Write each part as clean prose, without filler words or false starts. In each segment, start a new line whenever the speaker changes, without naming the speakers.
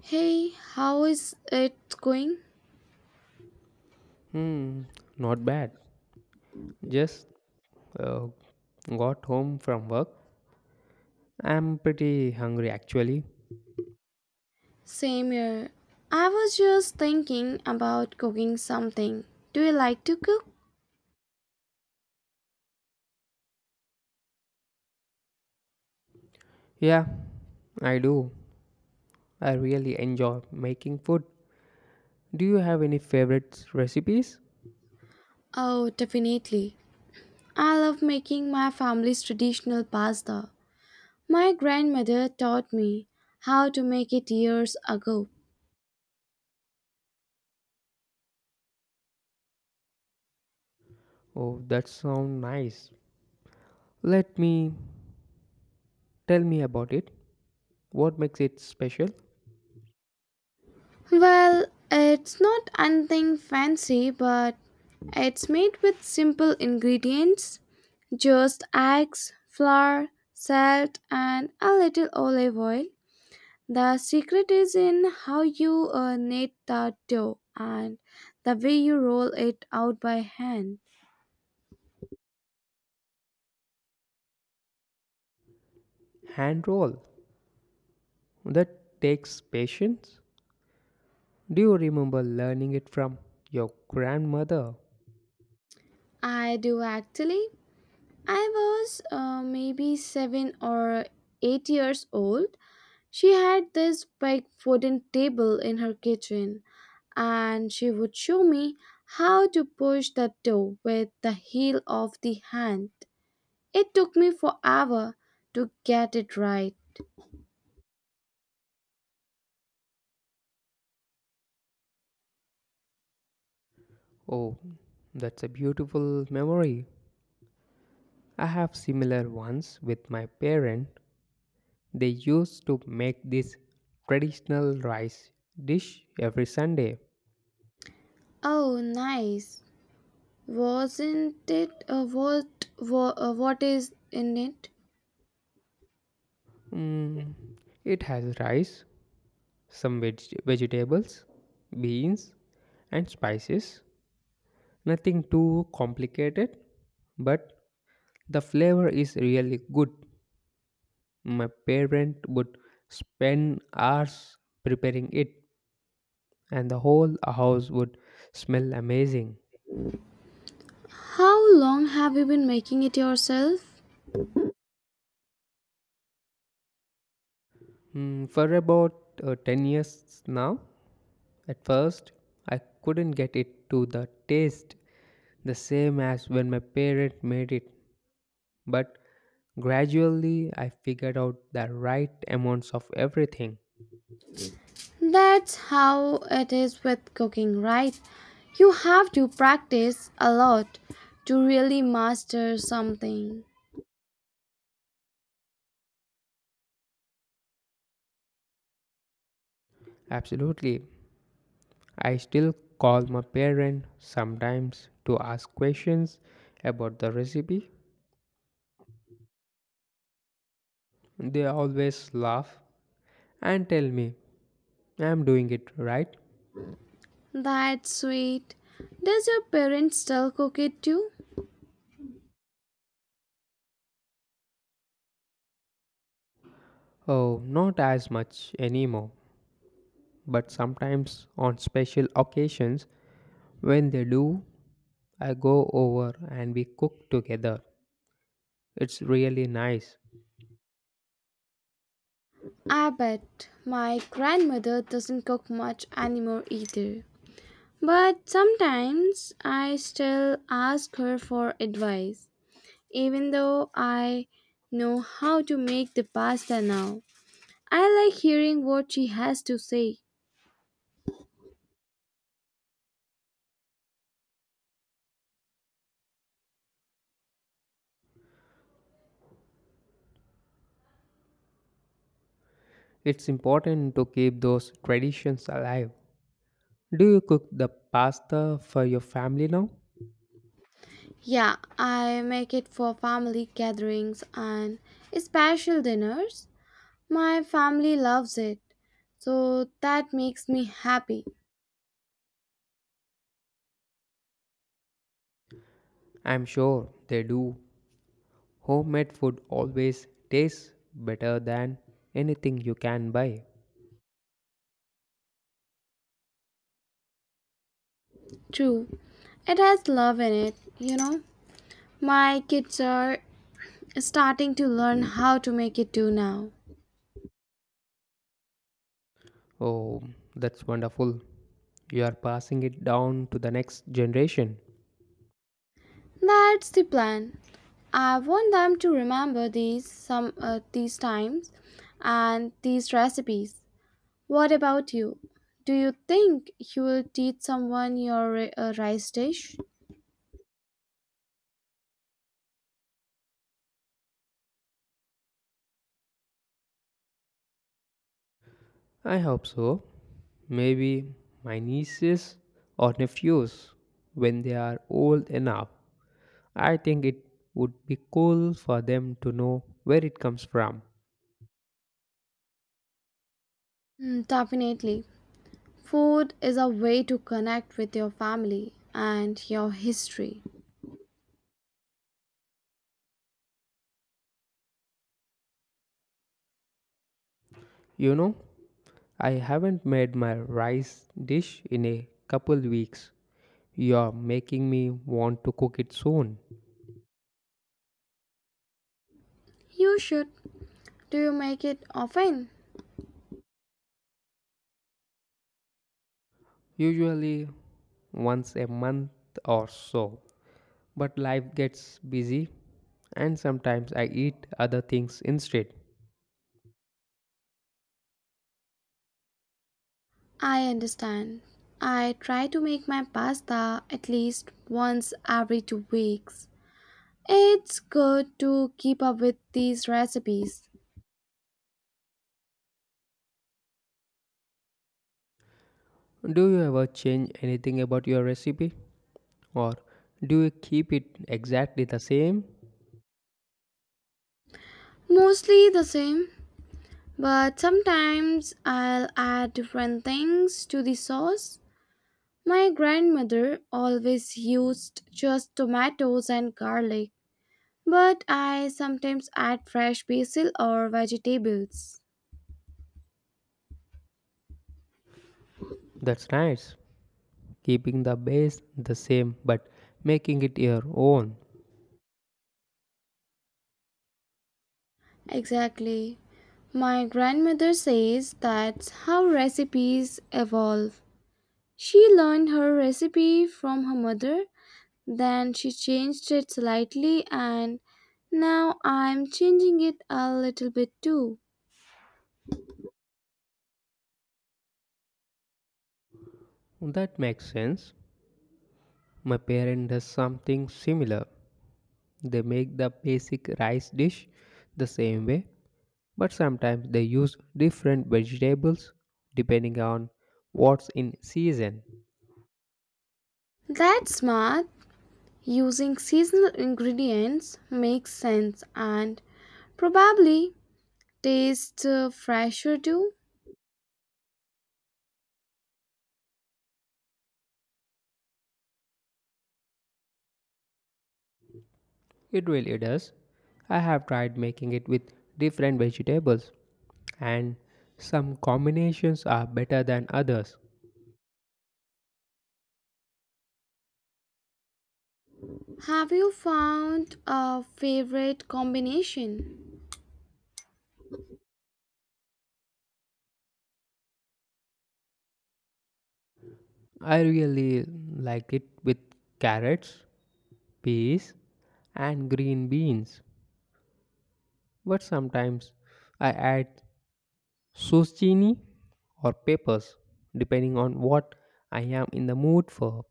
Hey, how is it going?
Hmm, Not bad. Just uh, got home from work. I'm pretty hungry actually.
Same here. I was just thinking about cooking something. Do you like to cook?
Yeah, I do. I really enjoy making food. Do you have any favorite recipes?
Oh, definitely. I love making my family's traditional pasta. My grandmother taught me how to make it years ago.
Oh, that sounds nice. Let me Tell me about it. What makes it special?
Well, it's not anything fancy, but it's made with simple ingredients just eggs, flour, salt, and a little olive oil. The secret is in how you knead the dough and the way you roll it out by hand.
Hand roll. That takes patience. Do you remember learning it from your grandmother?
I do actually. I was maybe 7 or 8 years old. She had this big wooden table in her kitchen, and she would show me how to push the dough with the heel of the hand. It took me forever to get it right.
Oh, that's a beautiful memory. I have similar ones with my parent. They used to make this traditional rice dish every Sunday.
Oh, nice. Wasn't it? What is in it?
Mm, it has rice, some vegetables, beans, and spices. Nothing too complicated, but the flavor is really good. My parent would spend hours preparing it, and the whole house would smell amazing.
How long have you been making it yourself?
For about 10 years now. At first, I couldn't get it to the taste the same as when my parent made it. But gradually, I figured out the right amounts of everything.
That's how it is with cooking, right? You have to practice a lot to really master something.
Absolutely. I still call my parent sometimes to ask questions about the recipe. They always laugh and tell me I'm doing it right.
That's sweet. Does your parents still cook it too?
Oh, not as much anymore, but sometimes on special occasions, when they do, I go over and we cook together. It's really nice.
I bet my grandmother doesn't cook much anymore either. But sometimes I still ask her for advice, even though I know how to make the pasta now. I like hearing what she has to say.
It's important to keep those traditions alive. Do you cook the pasta for your family now?
Yeah, I make it for family gatherings and special dinners. My family loves it, so that makes me happy.
I'm sure they do. Homemade food always tastes better than anything you can buy.
True, it has love in it, you know. My kids are starting to learn how to make it too now.
Oh, that's wonderful. You are passing it down to the next generation.
That's the plan. I want them to remember these times and these recipes. What about you? Do you think you will teach someone your rice dish?
I hope so. Maybe my nieces or nephews when they are old enough. I think it would be cool for them to know where it comes from.
Mm, definitely. Food is a way to connect with your family and your history.
You know, I haven't made my rice dish in a couple weeks. You're making me want to cook it soon.
You should. Do you make it often?
Usually once a month or so. But life gets busy and sometimes I eat other things instead.
I understand. I try to make my pasta at least once every 2 weeks. It's good to keep up with these recipes.
Do you ever change anything about your recipe? Or do you keep it exactly the same?
Mostly the same, but sometimes I'll add different things to the sauce. My grandmother always used just tomatoes and garlic, but I sometimes add fresh basil or vegetables.
That's nice. Keeping the base the same but making it your own.
Exactly. My grandmother says that's how recipes evolve. She learned her recipe from her mother. Then she changed it slightly, and now I'm changing it a little bit too.
That makes sense. My parent does something similar. They make the basic rice dish the same way, but sometimes they use different vegetables depending on what's in season.
That's smart. Using seasonal ingredients makes sense and probably tastes fresher too.
It really does. I have tried making it with different vegetables, and some combinations are better than others.
Have you found a favorite combination?
I really like it with carrots, peas, and green beans, but sometimes I add zucchini or peppers depending on what I am in the mood for.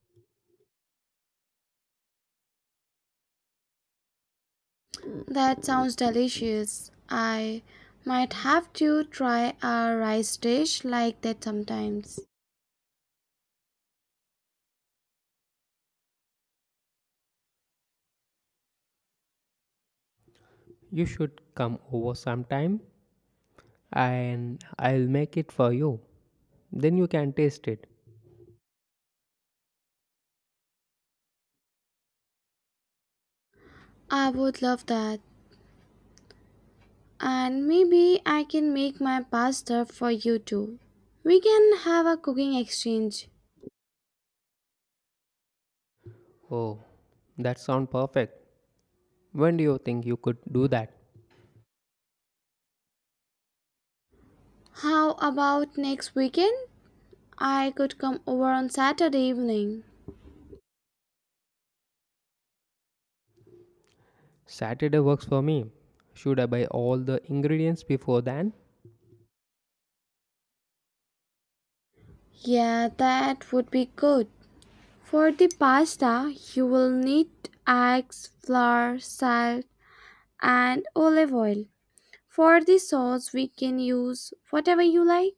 That sounds delicious. I might have to try a rice dish like that sometimes.
You should come over sometime and I'll make it for you. Then you can taste it.
I would love that. And maybe I can make my pasta for you too. We can have a cooking exchange.
Oh, that sounds perfect. When do you think you could do that?
How about next weekend? I could come over on Saturday evening.
Saturday works for me. Should I buy all the ingredients before then?
Yeah, that would be good. For the pasta, you will need eggs, flour, salt, and olive oil. For the sauce, we can use whatever you like.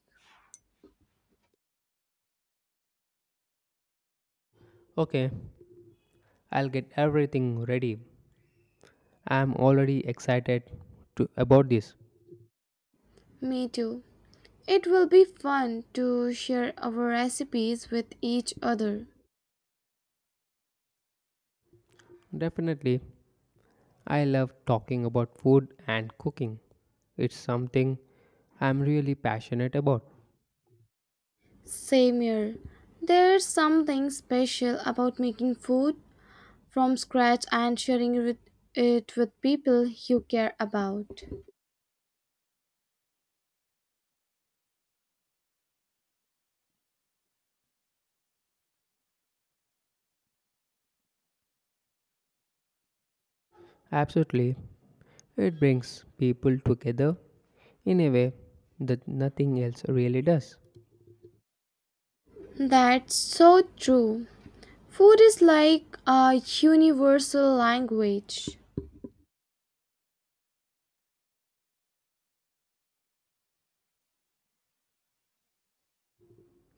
Okay, I'll get everything ready. I'm already excited to, about this.
Me too. It will be fun to share our recipes with each other.
Definitely, I love talking about food and cooking. It's something I'm really passionate about.
Same here. There's something special about making food from scratch and sharing with it with people you care about.
Absolutely, it brings people together in a way that nothing else really does.
That's so true. Food is like a universal language.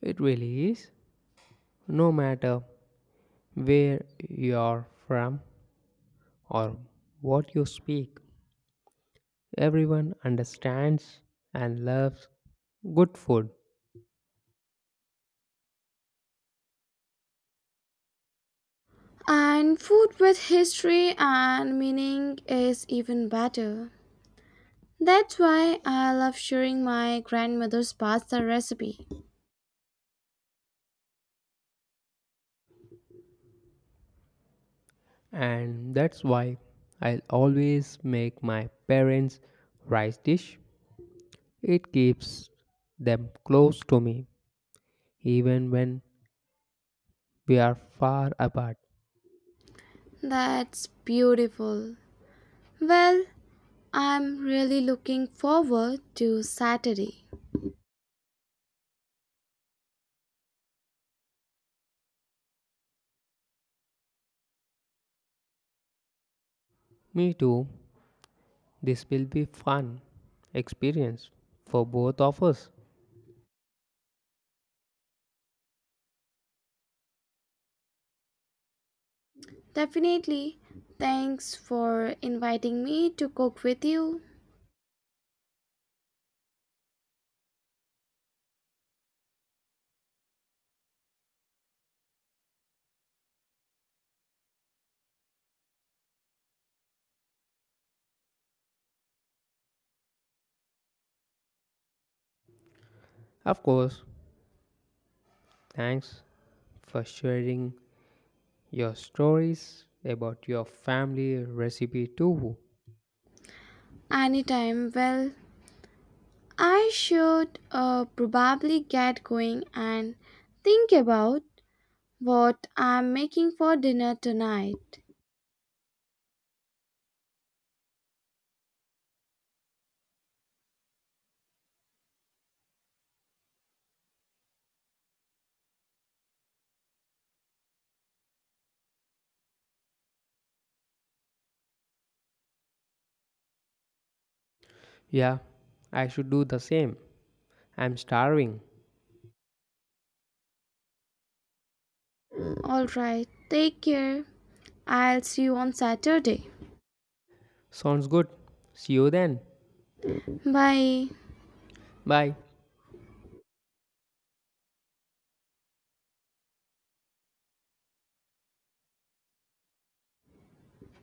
It really is. No matter where you are from or what you speak, everyone understands and loves good food.
And food with history and meaning is even better. That's why I love sharing my grandmother's pasta recipe.
And that's why I'll always make my parents' rice dish. It keeps them close to me, even when we are far apart.
That's beautiful. Well, I'm really looking forward to Saturday.
Me too, this will be fun experience for both of us.
Definitely. Thanks for inviting me to cook with you
Of course, thanks for sharing your stories about your family recipe too.
anytime. Well, I should probably get going and think about what I'm making for dinner tonight.
Yeah, I should do the same. I'm starving.
Alright, take care. I'll see you on Saturday.
Sounds good. See you then.
Bye.
Bye.